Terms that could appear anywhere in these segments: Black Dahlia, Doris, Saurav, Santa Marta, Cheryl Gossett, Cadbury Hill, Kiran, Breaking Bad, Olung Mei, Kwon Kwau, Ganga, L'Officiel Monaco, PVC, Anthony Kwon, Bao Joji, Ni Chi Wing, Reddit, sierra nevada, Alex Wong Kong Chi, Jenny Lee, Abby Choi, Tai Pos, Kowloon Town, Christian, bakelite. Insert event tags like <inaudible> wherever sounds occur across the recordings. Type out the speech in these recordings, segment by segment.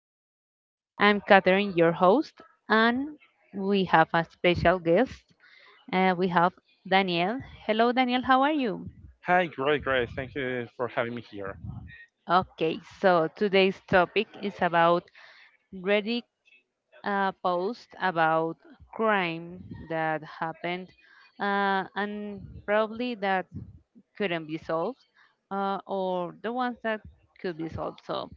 podcast. I'm Catherine, your host, and we have a special guest. We have Daniel. Hello, Daniel, how are you? Hi, great, great. Thank you for having me here. Okay, so today's topic is about ready. A post about crime that happened and probably that couldn't be solved or the ones that could be solved. So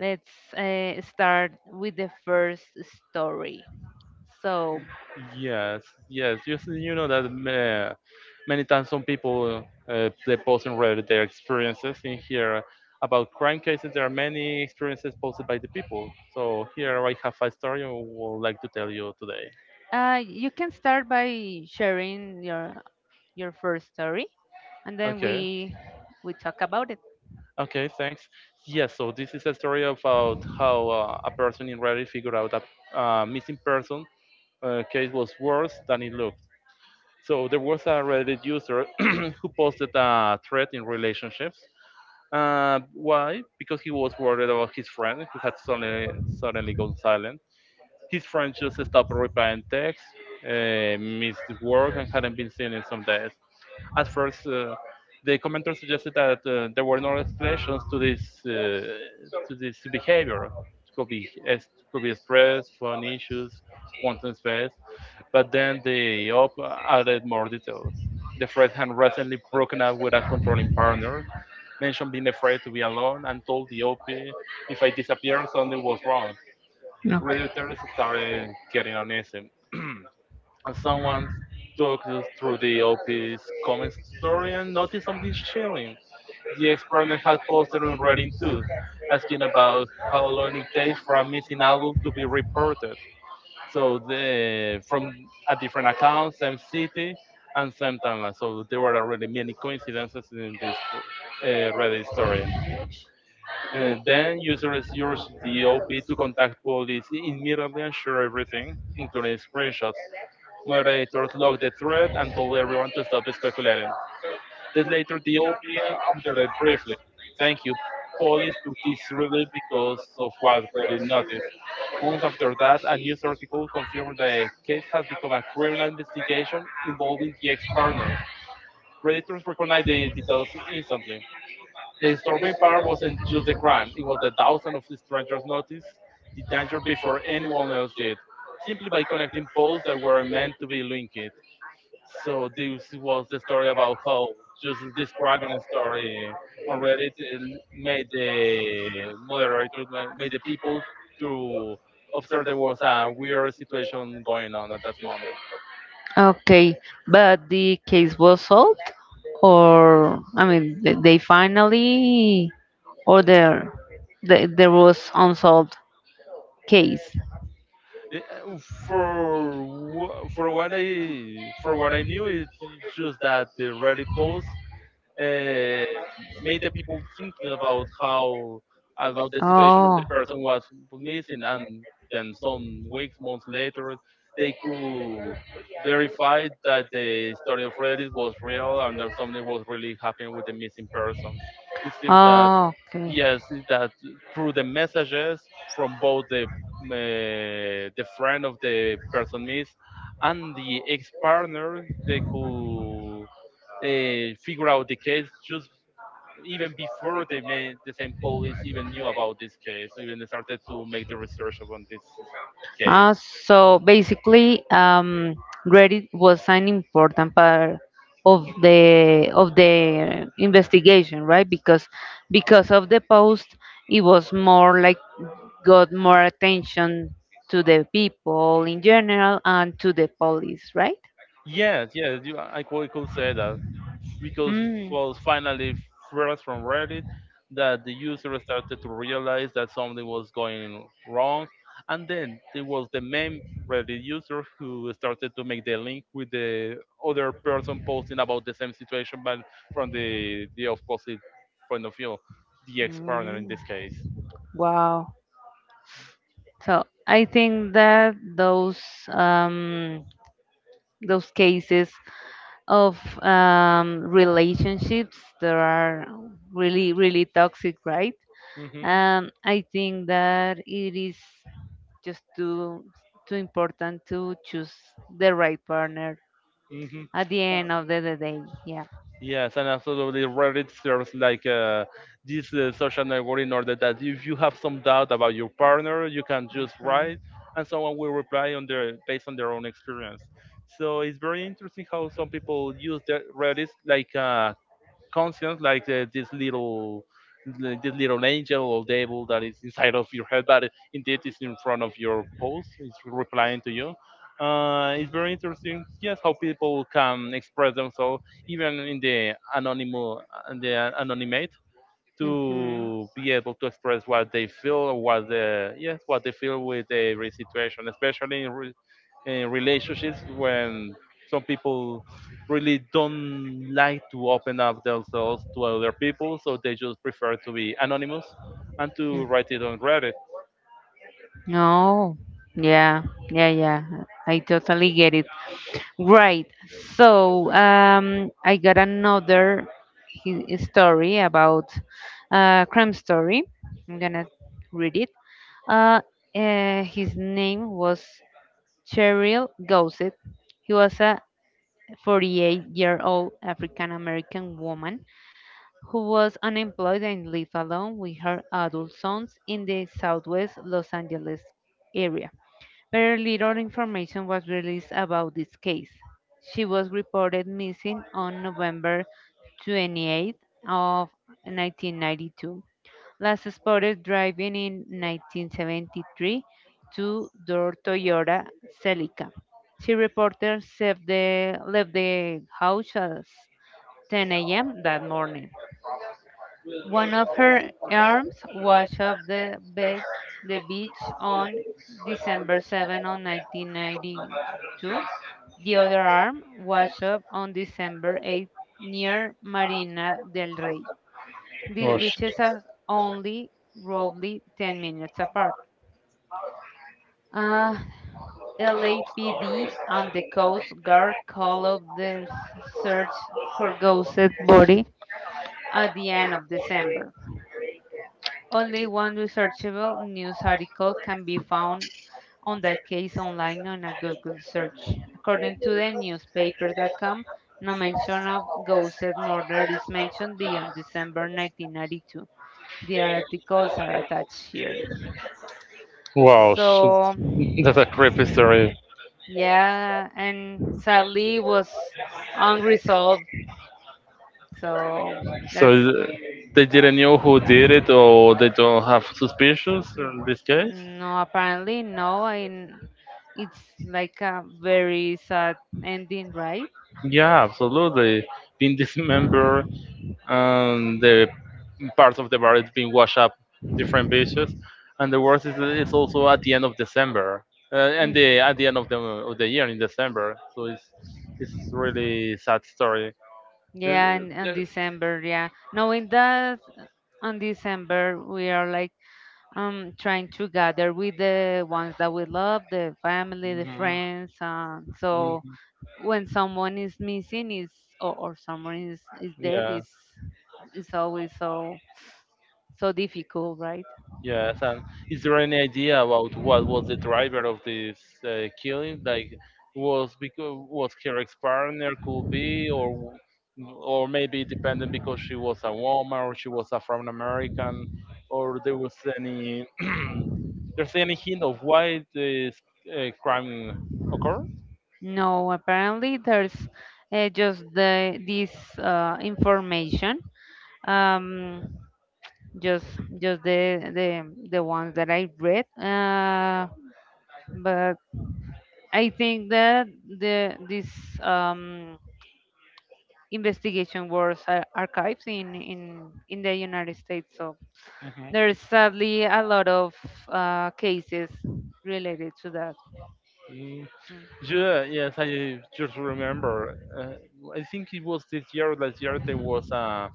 let's start with the first story. So Yes, yes. You, s- you know that Many times some people, they post in Reddit their experiences in here about crime cases. There are many experiences posted by the people. So here I have a story I would like to tell you today. You can start by sharing your first story and then Okay, we talk about it. okay, thanks. Yes, so this is a story about how, a person in Reddit figured out a missing person case was worse than it looked. So there was a Reddit user <clears throat> who posted a thread in relationships. Why? Because he was worried about his friend who had suddenly gone silent. His friend just stopped replying texts, missed work, and hadn't been seen in some days. At first, the commenter suggested that, there were no explanations to this, to this behavior. It could be, stress, phone issues, wanting space, but then the OP added more details. The Fred had recently broken up with a controlling partner, mentioned being afraid to be alone, and told the OP, if I disappeared, something was wrong. No. Redditors started getting uneasy, and someone took us through the OP's comment story and noticed something chilling. The ex-partner had posted on Reddit too, asking about how long it takes for a missing adult to be reported. So the, from a different account, same city, and same timeline. So there were already many coincidences in this, Reddit story. Then users use the OP to contact police immediately and share everything, including screenshots. Moderators locked the thread and told everyone to stop speculating. Then later the OP answered briefly, thank you, police took this really because of what Reddit noticed. Months after that, a news article confirmed the case had become a criminal investigation involving the ex partner. Redditors recognized the details instantly. The disturbing part wasn't just the crime, it was the thousands of strangers noticed the danger before anyone else did, simply by connecting posts that were meant to be linked. So this was the story about how just describing a story on Reddit and made the moderators, made the people to observe there was a weird situation going on at that moment. Okay, but the case was solved, or I mean, they finally, or there, the, there was unsolved case. Eh, uh, For for what I for what I knew, it's just that the Reddit post, uh, made the people thinking about how about the situation that Oh. the person was missing, and then some weeks, months later they could verify that the story of Reddit was real, and that something was really happening with the missing person. It seems that Oh, okay. yes, that through the messages from both the, the friend of the person missed and the ex-partner, they could, figure out the case just even before they made the same police even knew about this case, so even they started to make the research upon this case. Ah, so basically, Reddit was an important part of the investigation, right? Because of the post, it was more like got more attention to the people in general and to the police, right? Yes, yes, you, I could say that because it Mm. was finally first from Reddit that the user started to realize that something was going wrong, and then it was the main Reddit user who started to make the link with the other person posting about the same situation, but from the opposite point of view, the ex partner in Mm. this case. Wow. So I think that um, those cases of relationships that are really toxic, right? Mm-hmm. I think that it is just too important to choose the right partner Mm-hmm. at the Uh, end of the day. Yeah. Yes, and absolutely, Reddit serves like, this, social network in order that if you have some doubt about your partner, you can just write, Hmm. and someone will reply on their based on their own experience. So it's very interesting how some people use the Reddit like, conscience, like, this little, like this little angel or devil that is inside of your head, but indeed it's in front of your post. It's replying to you. It's very interesting. Yes, how people can express themselves even in the anonymous, the anonymate, to be able to express what they feel, what the yes, what they feel with every situation, especially in, in relationships when some people really don't like to open up themselves to other people, so they just prefer to be anonymous and to write it on Reddit. Oh, yeah, yeah, yeah. I totally get it. Right. So I got another story about crime story. I'm gonna read it. Uh, his name was Cheryl Gossett. He was a 48-year-old African-American woman who was unemployed and lived alone with her adult sons in the southwest Los Angeles area. Very little information was released about this case. She was reported missing on November 28 of 1992. Last spotted driving in 1973 two-door Toyota Celica. She reported left left the house at 10 a.m. that morning. One of her arms washed up the beach on December 7 on 1992. The other arm washed up on December 8 near Marina del Rey. These Gosh. beaches are only roughly 10 minutes apart. Uh, LAPD and the Coast Guard call off their search for ghosted body at the end of December. Only one researchable news article can be found on that case online on a Google search. According to the newspaper.com, no mention of Gosset murder is mentioned beyond December 1992. The articles are attached here. Wow, So, <laughs> that's a creepy story. yeah, and sadly it was unresolved. So So, that's they didn't know who did it, or they don't have suspicions in this case. No, apparently no, and it's like a very sad ending, right? Yeah, absolutely. Being dismembered and <laughs> the parts of the body is being washed up different beaches. And the worst is it's also at the end of December. And the Mhm. at the end of the year in December. So it's really sad story. Yeah, and on There- December, yeah. Knowing that on December we are like trying to gather with the ones that we love, the family, the Mhm, friends, so mhm, when someone is missing is or someone is dead yeah. is always so difficult, right? Yes, and is there any idea about what was the driver of this, killing? Like, was because was her ex-partner, could be, or or maybe dependent because she was a woman, or she was Afro American, or there was any <clears throat> there's any hint of why this, crime occurred? No, apparently there's just the this information, um just just the ones that I read, but I think that the this um investigation wars archives in the United States. So Mhm. there's sadly a lot of cases related to that. Mm, Mm. Yeah, yes, I just remember. I think it was this year, last year, there was a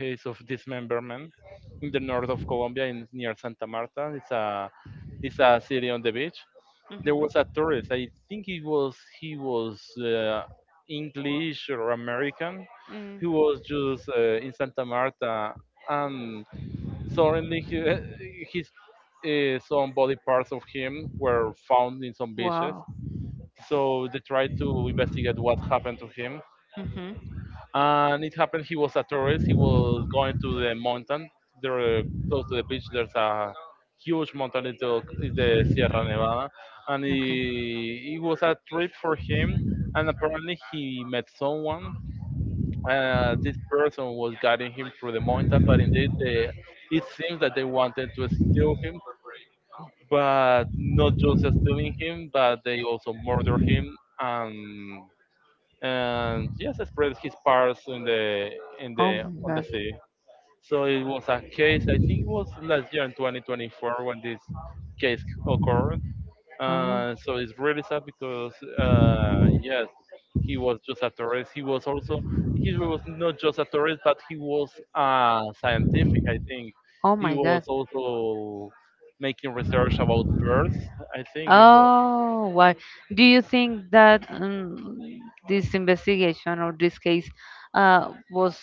case of dismemberment in the north of Colombia, in near Santa Marta. It's a city on the beach. There Mhm. was a tourist. I think he was, English or American. Mm. He was just, in Santa Marta, and suddenly he, <laughs> his, some body parts of him were found in some beaches. So they tried to investigate what happened to him, and it happened he was a tourist, he was going to the mountain there, close to the beach, there's a huge mountain, it's the Sierra Nevada, and he, it was a trip for him, and apparently he met someone, this person was guiding him through the mountain, but indeed they, it seems that they wanted to steal him, but not just stealing him, but they also murder him, and and yes, spread his parts in the on the sea. So it was a case. I think it was last year in 2024 when this case occurred. So it's really sad because, uh, yes, he was just a tourist. He was also he was not just a tourist, but he was, scientific. I think Oh he my was god. also making research about birds. I think you know, Oh, why? Do you think that this investigation or this case was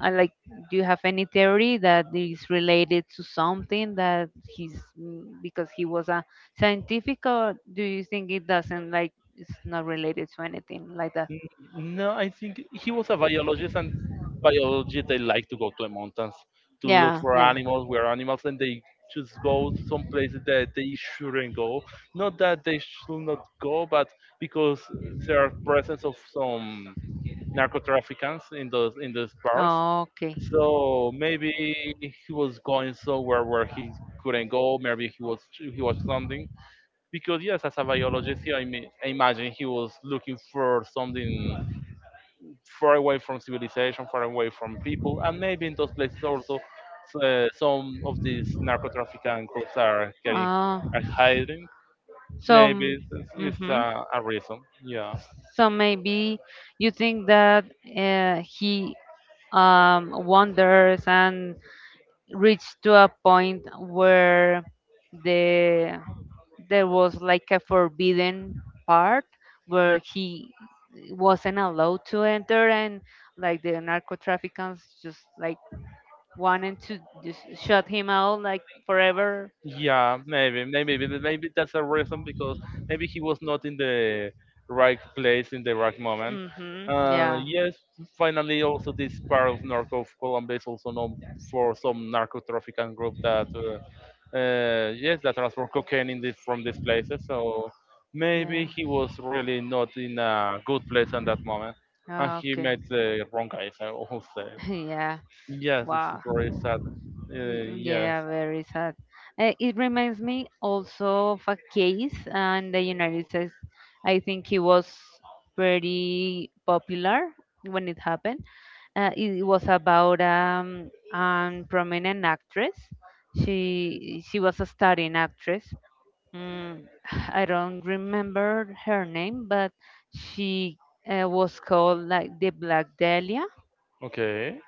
like, do you have any theory that is related to something that he's mm, because he was a scientific, or do you think it doesn't like it's not related to anything like that? N- no, I think he was a biologist, and biologists they like to go to the mountains to look Yeah, for yeah. animals, where animals, and they just go some places that they shouldn't go. Not that they should not go, but because there are presence of some narcotraffickers in those bars. Oh, okay. So maybe he was going somewhere where he couldn't go. Maybe he was something, because yes, as a biologist, I mean, I imagine he was looking for something far away from civilization, far away from people, and maybe in those places also, some of these narco-trafficking groups are getting Oh, are hiding. so, Maybe this is mm-hmm. a reason. Yeah. So maybe you think that he wanders and reached to a point where the there was like a forbidden part where he wasn't allowed to enter and like the narco traffickers just like wanted to just shut him out like forever. Yeah, maybe, maybe, maybe that's a reason because maybe he was not in the right place in the right moment. Mm-hmm. Yeah. Yes, finally, also this part of narco of Colombia is also known for some narco trafficking group that, yes, that transport cocaine in this, from these places. So maybe Yeah. he was really not in a good place at that moment, and Ah, he okay. met the wrong guys, I would say. <laughs> Yeah. Yes, it's Wow. very sad. Yes. Yeah, very sad. It reminds me also of a case in the United States. I think he was pretty popular when it happened. It was about a prominent actress. She was a starring actress. Mm, <sighs> I don't remember her name, but she was called like the Black Dahlia, Okay.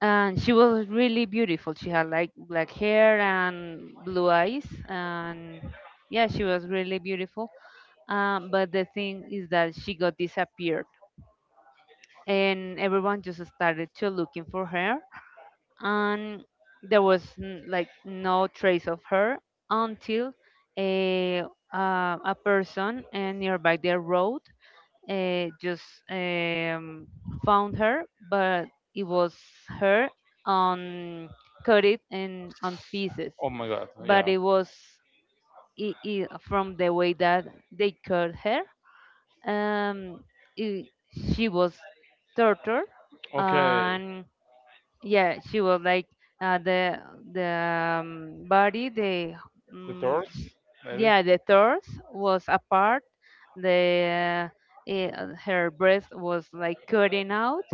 and she was really beautiful. She had like black hair and blue eyes, and yeah, she was really beautiful. But the thing is that she got disappeared, and everyone just started to looking for her, and there was n- like no trace of her until a a person nearby their road just um, found her, but it was her on cut it in on pieces, Oh my God, but yeah. it was I from the way that they cut her. Um, I She was tortured Okay. and yeah she was like uh, the the body, the The um, doors, maybe. yeah, the torso was apart, the uh, eh, her breast was like cutting out,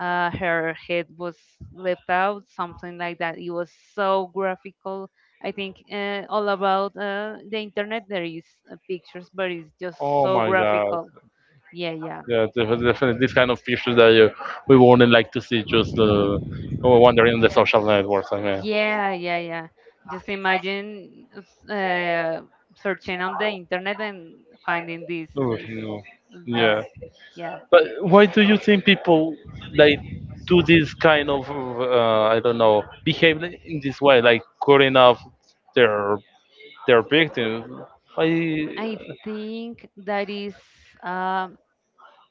her head was left out, something like that. It was so graphical. I think all about the internet there is pictures, but it's just Oh so my God. graphical. Yeah, yeah. Yeah, definitely. These kind of features that, we wouldn't like to see just, wandering on the social networks, I mean. Yeah, yeah, yeah. Just imagine searching on the internet and finding this. Oh, Just no. Yeah. does. Yeah. But why do you think people like do this kind of, I don't know, behave in this way, like cutting off their their victims? Why? I think that is um,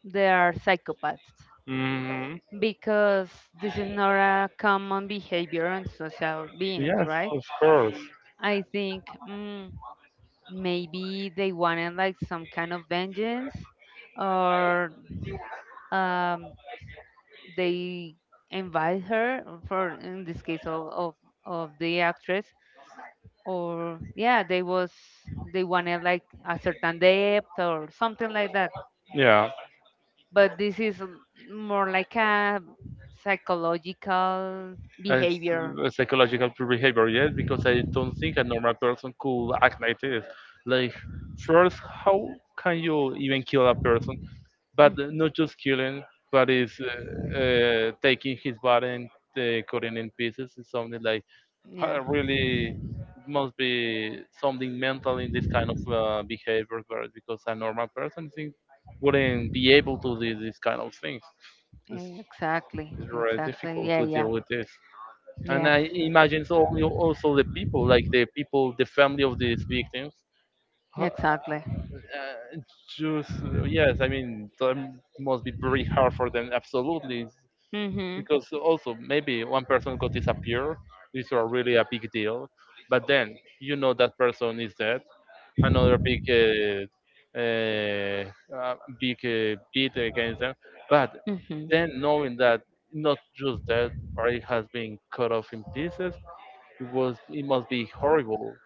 they are psychopaths Mm. because this is not a common behavior on social beings, Yes, right? of course. I think mm, maybe they wanted like some kind of vengeance or um, they invite her for in this case of the actress, or yeah they was they wanted like a certain depth or something like that, Yeah. but this is more like a psychological As behavior a psychological they behavior, yes, because I don't think a normal person could act like this, like first how can you even kill a person, but not just killing, but is, taking his body and, cutting in pieces. It's something like Yeah. really must be something mental in this kind of, behavior, but because a normal person think wouldn't be able to do these kind of things. it's, Exactly. it's very Exactly. difficult Yeah. to Yeah. deal with this, and Yeah. I imagine so you also the people, like the people, the family of these victims. Uh, Exactly. uh, just, yes, I mean that must be very hard for them, absolutely, Mm-hmm. because also maybe one person could disappear. These are really a big deal, but then you know that person is dead. Mm-hmm. Another big, big, beat against them, but then knowing that not just that party has been cut off in pieces, it was it must be horrible.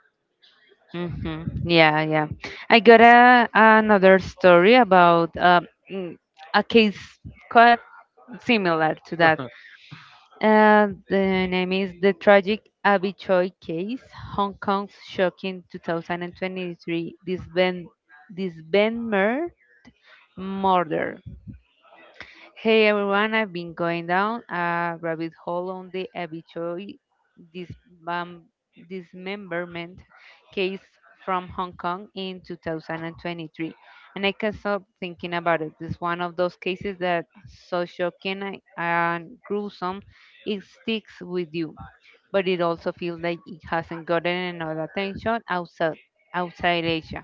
Mm-hmm. Yeah, yeah. I got a, another story about mm, a case quite similar to that. <laughs> The name is The Tragic Abby Choi Case, Hong Kong's Shocking 2023 dismember Murder. Hey everyone, I've been going down a rabbit hole on the Abby Choi dismem- dismemberment case from Hong Kong in 2023. And I can't stop thinking about it. It's one of those cases that so shocking and gruesome it sticks with you, but it also feels like it hasn't gotten enough attention outside Asia.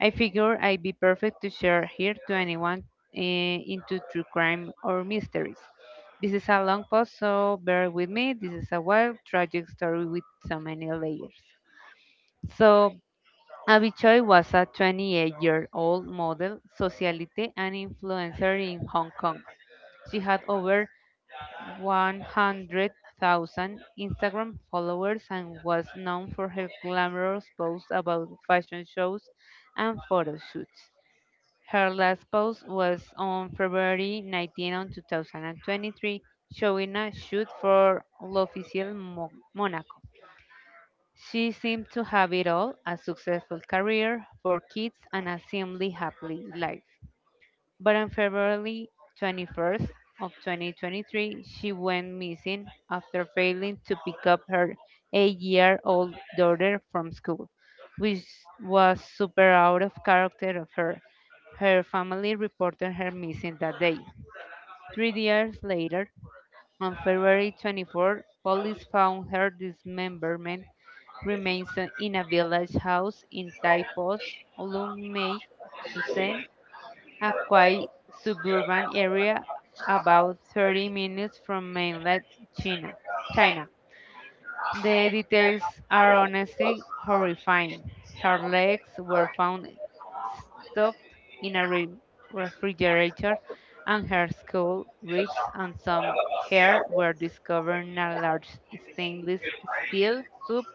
I figure I'd be perfect to share here to anyone into true crime or mysteries. This is a long post, so bear with me. This is a wild, tragic story with so many layers. So, Abichoy was a 28-year-old model, socialite, and influencer in Hong Kong. She had over 100,000 Instagram followers and was known for her glamorous posts about fashion shows and photo shoots. Her last post was on February 19 2023, showing a shoot for L'Officiel Monaco. She seemed to have it all, a successful career, four kids, and a seemingly happy life. But on February 21st of 2023, she went missing after failing to pick up her 8-year-old daughter from school, which was super out of character of her. Her family reported her missing that day. 3 years later, on February 24, police found her dismemberment remains in a village house in Tai Pos, Olung Mei, a quiet suburban area about 30 minutes from mainland China. China. The details are honestly horrifying. Her legs were found stuffed in a refrigerator, and her skull, ribs, and some hair were discovered in a large stainless steel soup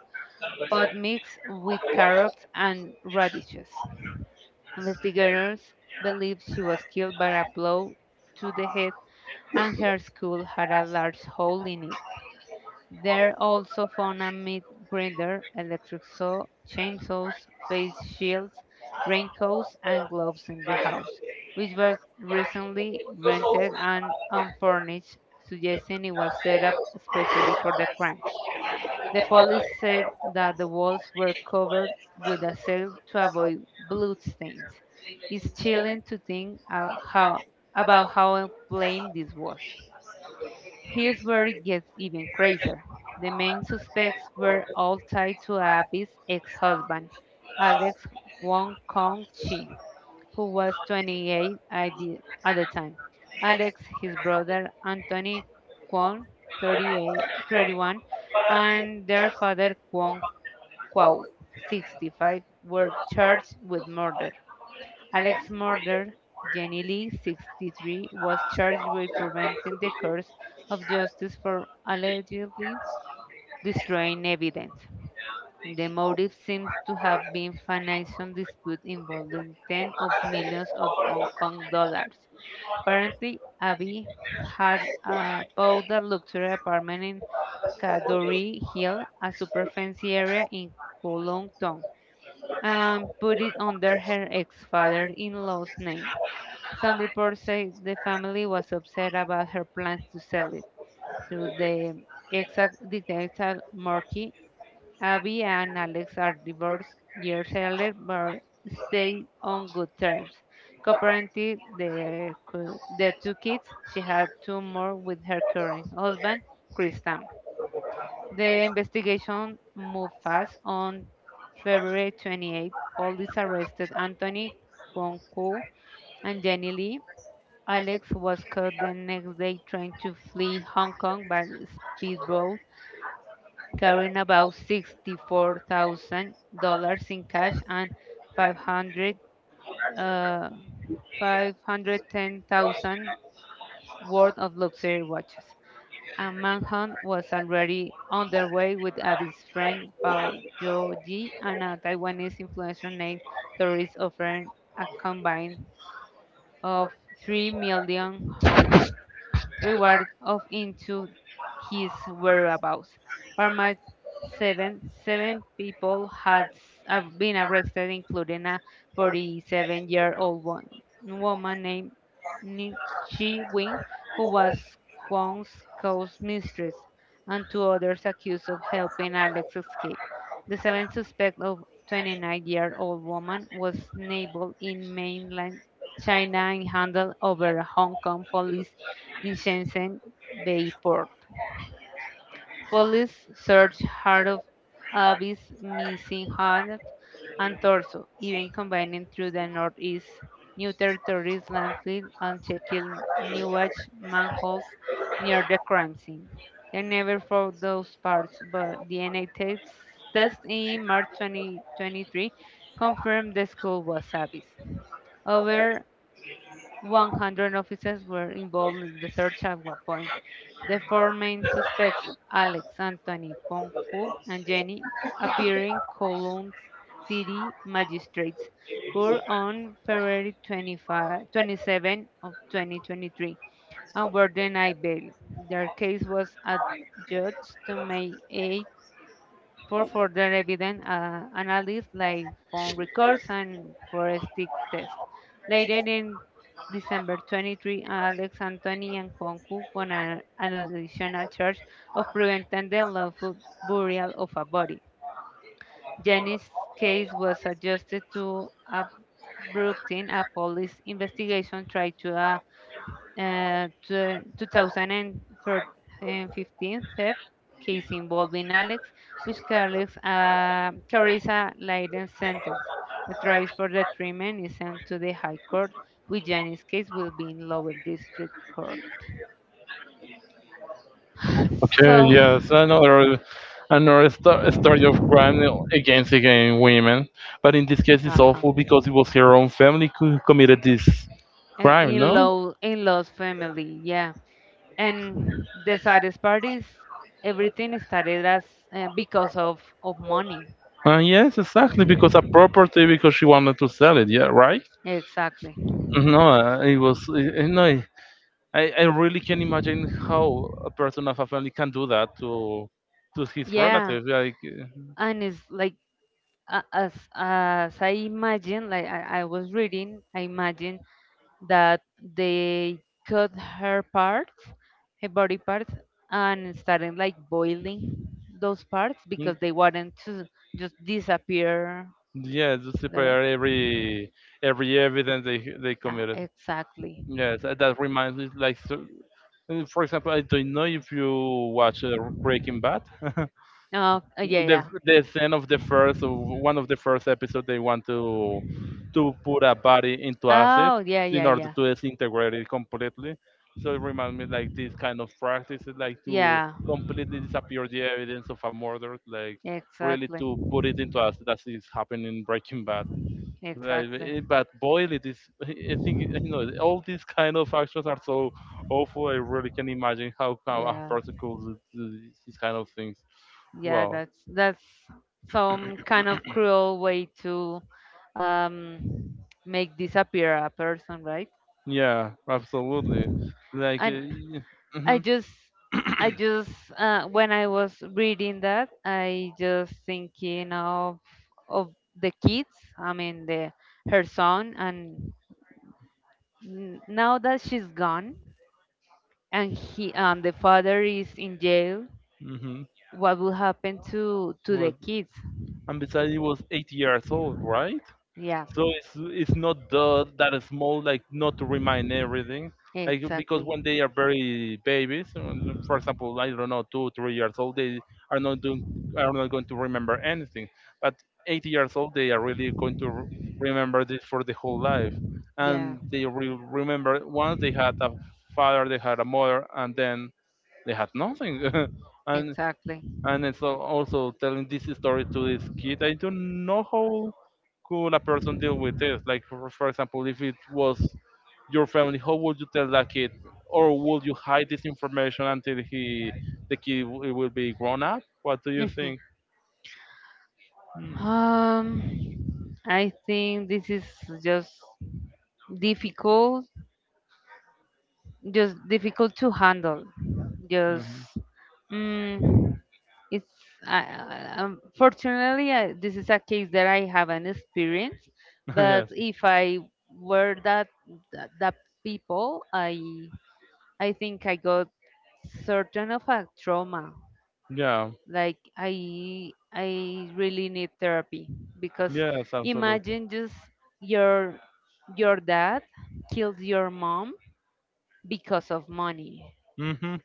pot mixed with carrots and radishes. Investigators believe she was killed by a blow to the head and her skull had a large hole in it. They also found a meat grinder, electric saw, chainsaws, face shields, raincoats, and gloves in the house, which was recently rented and unfurnished, suggesting it was set up especially for the crime. The police said that the walls were covered with a seal to avoid bloodstains. It's chilling to think about how plain this was. His story gets even crazier. The main suspects were all tied to Abby's ex-husband, Alex Wong Kong Chi, who was 28 at at the time. Alex, his brother Anthony Kwon, 38, 31, and their father Kwon Kwau, 65, were charged with murder. Alex's murder, Jenny Lee, 63, was charged with preventing the course of justice for allegedly destroying evidence. The motive seems to have been financial dispute involving tens of millions of Hong Kong dollars. Apparently, Abby had bought a luxury apartment in Cadbury Hill, a super fancy area in Kowloon Town, and put it under her ex-father-in-law's name. Some reports say the family was upset about her plans to sell it. Through the exact dictator Murky. Abby and Alex are divorced years later but stay on good terms. Currently, the, the two kids, she had two more with her current husband, Christian. The investigation moved fast. On February 28, police arrested Anthony Kwon Koo and Jenny Lee. Alex was caught the next day trying to flee Hong Kong by speedboat, carrying about $64,000 in cash and 500, uh, 510,000 worth of luxury watches. A manhunt was already underway with Abby's friend Bao Joji and a Taiwanese influencer named Doris offering a combined of 3 million Hong Kong reward of into his whereabouts. By March 7, seven people had been arrested, including a 47-year-old woman named Ni Chi Wing, who was Kwong's co-mistress and two others accused of helping Alex escape. The seventh suspect, a 29-year-old woman, was enabled in mainland China and handed over a Hong Kong police in Shenzhen Bay port. Police searched heart of Abby's missing hand and torso, even combining through the northeast, new territories landfill, and checking newage manholes near the crime scene. They never found those parts, but DNA tests test in March 2023 confirmed the skull was Abby's. Over 100 officers were involved in the search at one point. The four main suspects, Alex, Anthony, Konku, and Jenny, appearing Kowloon City magistrates, court on February 25, 27 of 2023 and were denied bail. Their case was adjudged to May 8, for further evidence analysis like phone records and forensic tests. Later in December 23, Alex Anthony and Juan Cook won an additional charge of preventing the lawful burial of a body. Jenny's case was adjusted to abrupting a police investigation tried to the 2015 theft case involving Alex, which carries a lighter sentence. The trial for the treatment is sent to the High Court, which in case will be in lower district court. Okay, So, yes, another story of crime against against women, but in this case it's uh-huh. awful because it was her own family who committed this crime, In no? law's family, yeah. And the saddest part is everything started as because of money. Yes, exactly, because a property because she wanted to sell it, yeah, right? Exactly. No, it was no. I really can imagine how a person of a family can do that to his Yeah, relative. Like, and it's like as I imagine, like I was reading, I imagine that they cut her parts, her body parts, and started like boiling those parts uh, because they wanted to just disappear yes, to there. prepare every evidence they Yeah, committed. exactly. Yes, that reminds me like so, for example, I don't know if you watch Breaking Bad. Oh, yeah, The yeah. the scene of the first one of the first episode they want to put a body into acid Oh, yeah, in yeah, order yeah. to disintegrate it completely. So it reminds me like this kind of practices, like to Yeah, completely disappear the evidence of a murder, like really exactly. to put it into acid as is happening in Breaking Bad. Right, but Exactly. But boil it is. <laughs> I think you know all these kind of actions are so awful. I really can imagine how a Yeah. person could do these kind of things. Yeah, Wow. that's some kind of cruel way to um, make disappear a person, right? Yeah, absolutely. Like, And I mm-hmm, just, I just, when I was reading that, I just thinking of the kids. I mean, the her son, and now that she's gone, and he, and the father is in jail. mm-hmm. What will happen to the Was kids? and besides, he was 8 years old, right? Yeah, So it's not the, that small like not to remind everything like because exactly. when they are very babies, for example, I don't know, 2 3 years old, they are not doing are not going to remember anything, but 80 years old they are really going to remember this for the whole life, Yeah. and they remember once they had a father, they had a mother, and then they had nothing. <laughs> and Exactly. and it's also telling this story to this kid. I don't know how could a person deal with this. Like, for example, if it was your family, how would you tell that kid, or would you hide this information until he the kid will be grown up? What do you Mhm. think? Hmm. Um, I think this is just difficult, just difficult to handle. Just, Mm-hmm. mm, it's I, I- um, this is a case that I haven't experienced, but <laughs> Yes. if I were that people, I think I got certain of a trauma. Yeah. Like I really need therapy because Yes. Absolutely. imagine just your your dad kills your mom because of money Hmm.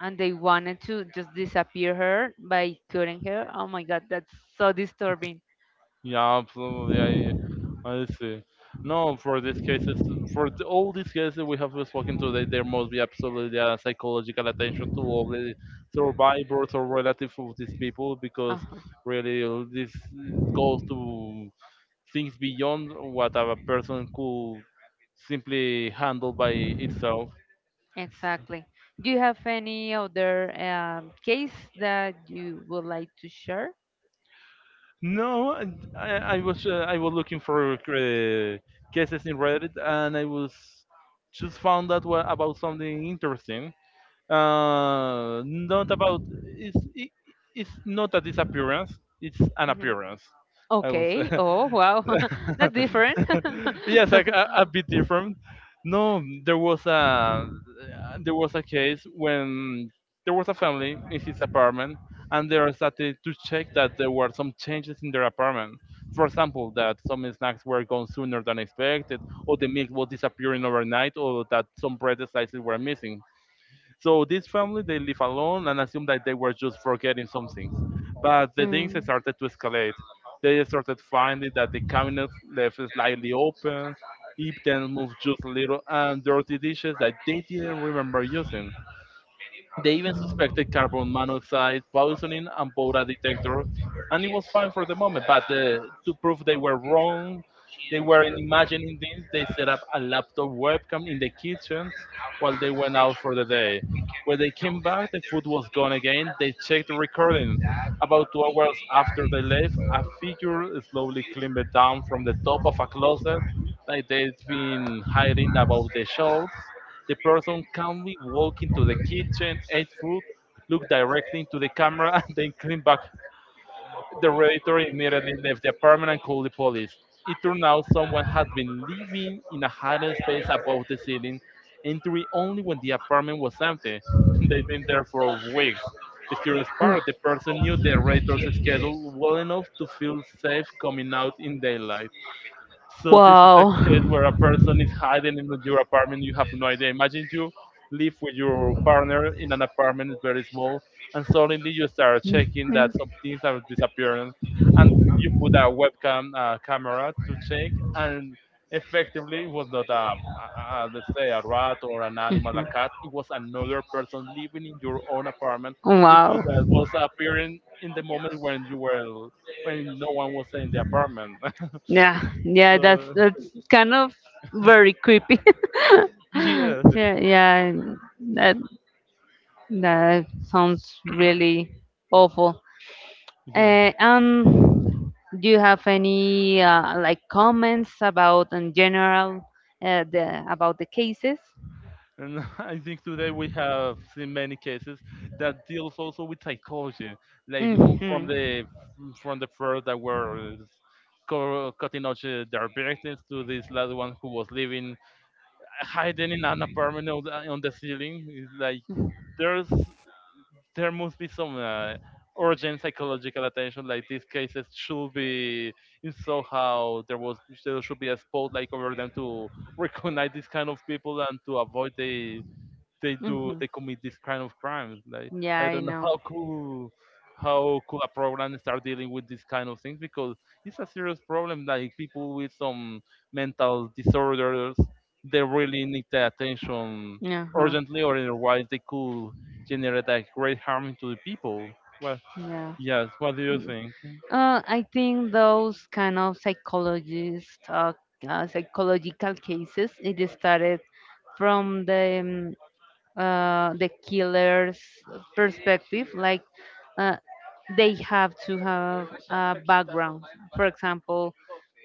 and they wanted to just disappear her by cutting her. Oh my god, that's so disturbing. Yeah, absolutely. I see. No, for these cases, for the, all these cases we have spoken today, there must be absolutely a psychological attention to all the survivors or relatives of these people, because Uh-huh. really this goes to things beyond what a person could simply handle by itself. Exactly. Do you have any other case that you would like to share? No, and I was I was looking for cases in Reddit, and I was just found out about something interesting. Not about it's it's not a disappearance; it's an Mhm. appearance. I was Okay. Oh, wow. <laughs> That's different. <laughs> <laughs> yes, like a bit different. No, there was a case when there was a family in his apartment and they started to check that there were some changes in their apartment. For example, that some snacks were gone sooner than expected, or the milk was disappearing overnight, or that some bread slices were missing. So this family they live alone and assume that they were just forgetting some things. But the things Mm. started to escalate. They started finding that the cabinet left slightly open, if then moved just a little, and dirty dishes that they didn't remember using. They even suspected carbon monoxide poisoning and bought a detector, and it was fine for the moment. But to prove they were wrong, they were imagining things. They set up a laptop webcam in the kitchen while they went out for the day. When they came back, the food was gone again. They checked the recording. About 2 hours after they left, a figure slowly climbed down from the top of a closet, like they'd been hiding above the shelves. The person calmly walk into the kitchen, ate food, looked directly into the camera, <laughs> and then came back. The radiator immediately left the apartment and called the police. It turned out someone had been living in a hidden space above the ceiling, entering only when the apartment was empty. <laughs> They'd been there for weeks. The curious part, the person knew the radiator's schedule well enough to feel safe coming out in daylight. So this is a case where a person is hiding in your apartment. You have no idea. Imagine you live with your partner in an apartment, it's very small, and suddenly you start checking Wow. that some things are disappearing, and you put a <laughs> webcam camera to check, and effectively it was not a, let's say, a rat or an animal, a cat. It was another person living in your own apartment. Mhm. It Wow. just that was appearing in the moment when you were when no one was in the apartment. <laughs> Yeah, yeah, that's So that's kind of very creepy. <laughs> yes, Yeah, yeah, that that sounds really awful. yeah. Uh, um, do you have any like comments about in general the about the cases? And <laughs> I think today we have seen many cases that deals also with psychology, like Hmm, all hmm. from the first that were cutting out their business to this last one who was living hiding in an apartment on on the ceiling. It's like there's there must be some urgent psychological attention. Like these cases should be in somehow there should be a spotlight over them to <laughs> recognize these kind of people and to avoid they do they commit this kind of crimes. Like Yeah, I I don't know <laughs> know. How could a program start dealing with this kind of things, because it's a serious problem. Like people with some mental disorders, they really need the attention urgently, or otherwise they could generate like great harm to the people. Well, Uh-huh. yes. What do you Yeah. think? I think those kind of psychologist, psychological cases, it is started from the killer's perspective. Like uh, they have to have a background. For example,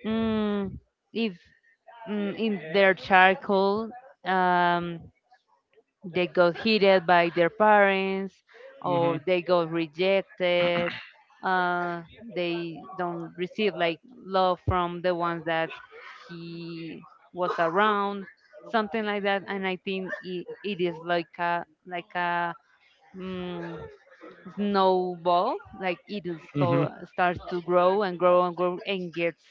mm, if in their childhood, um, they got hit by their parents or Mhm. they got rejected, uh, they don't receive like love from the ones that he was around something like that. And I think it is like a mm, snowball. Like it Mhm. Starts to grow and grow and grow and gets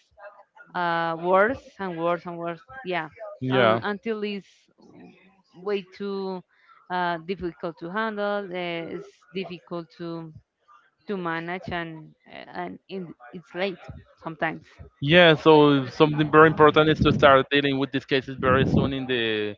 worse and worse and worse. Yeah, Yeah. until it's w- way too difficult to handle. It's difficult to manage, it's late sometimes. Yeah, so something very important is to start dealing with these cases very soon in the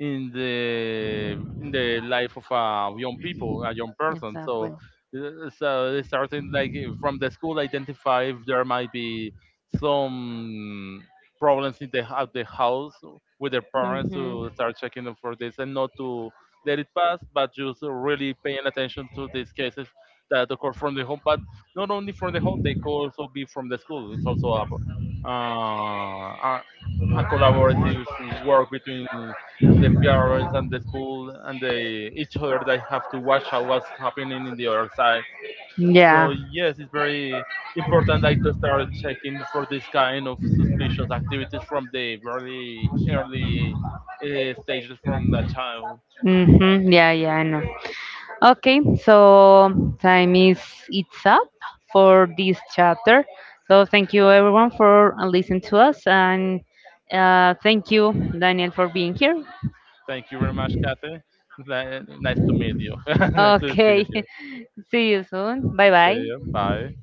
in the life of a young people, a young person. So Exactly. So they starting like from the school identify if there might be some problems in the at the house with their parents to start checking them for this and not to let it pass, but just really paying attention to these cases that occur from the home, but not only from the home, they could also be from the school. It's Hmm. also a, uh, a collaborative work between the parents and the school and the each other. They have to watch out what's happening in the other side. So Yeah. yes, it's very important like to start checking for this kind of suspicious activities from the very early stages from the child. Mm-hmm. Yeah, yeah, I know. Okay, so time is it's up for this chapter. So thank you everyone for listening to us and thank you Daniel for being here. Thank you very much, Kathy. Nice to meet you. <laughs> Nice to see you Okay. here. <laughs> See you soon. Bye See you. bye. Bye.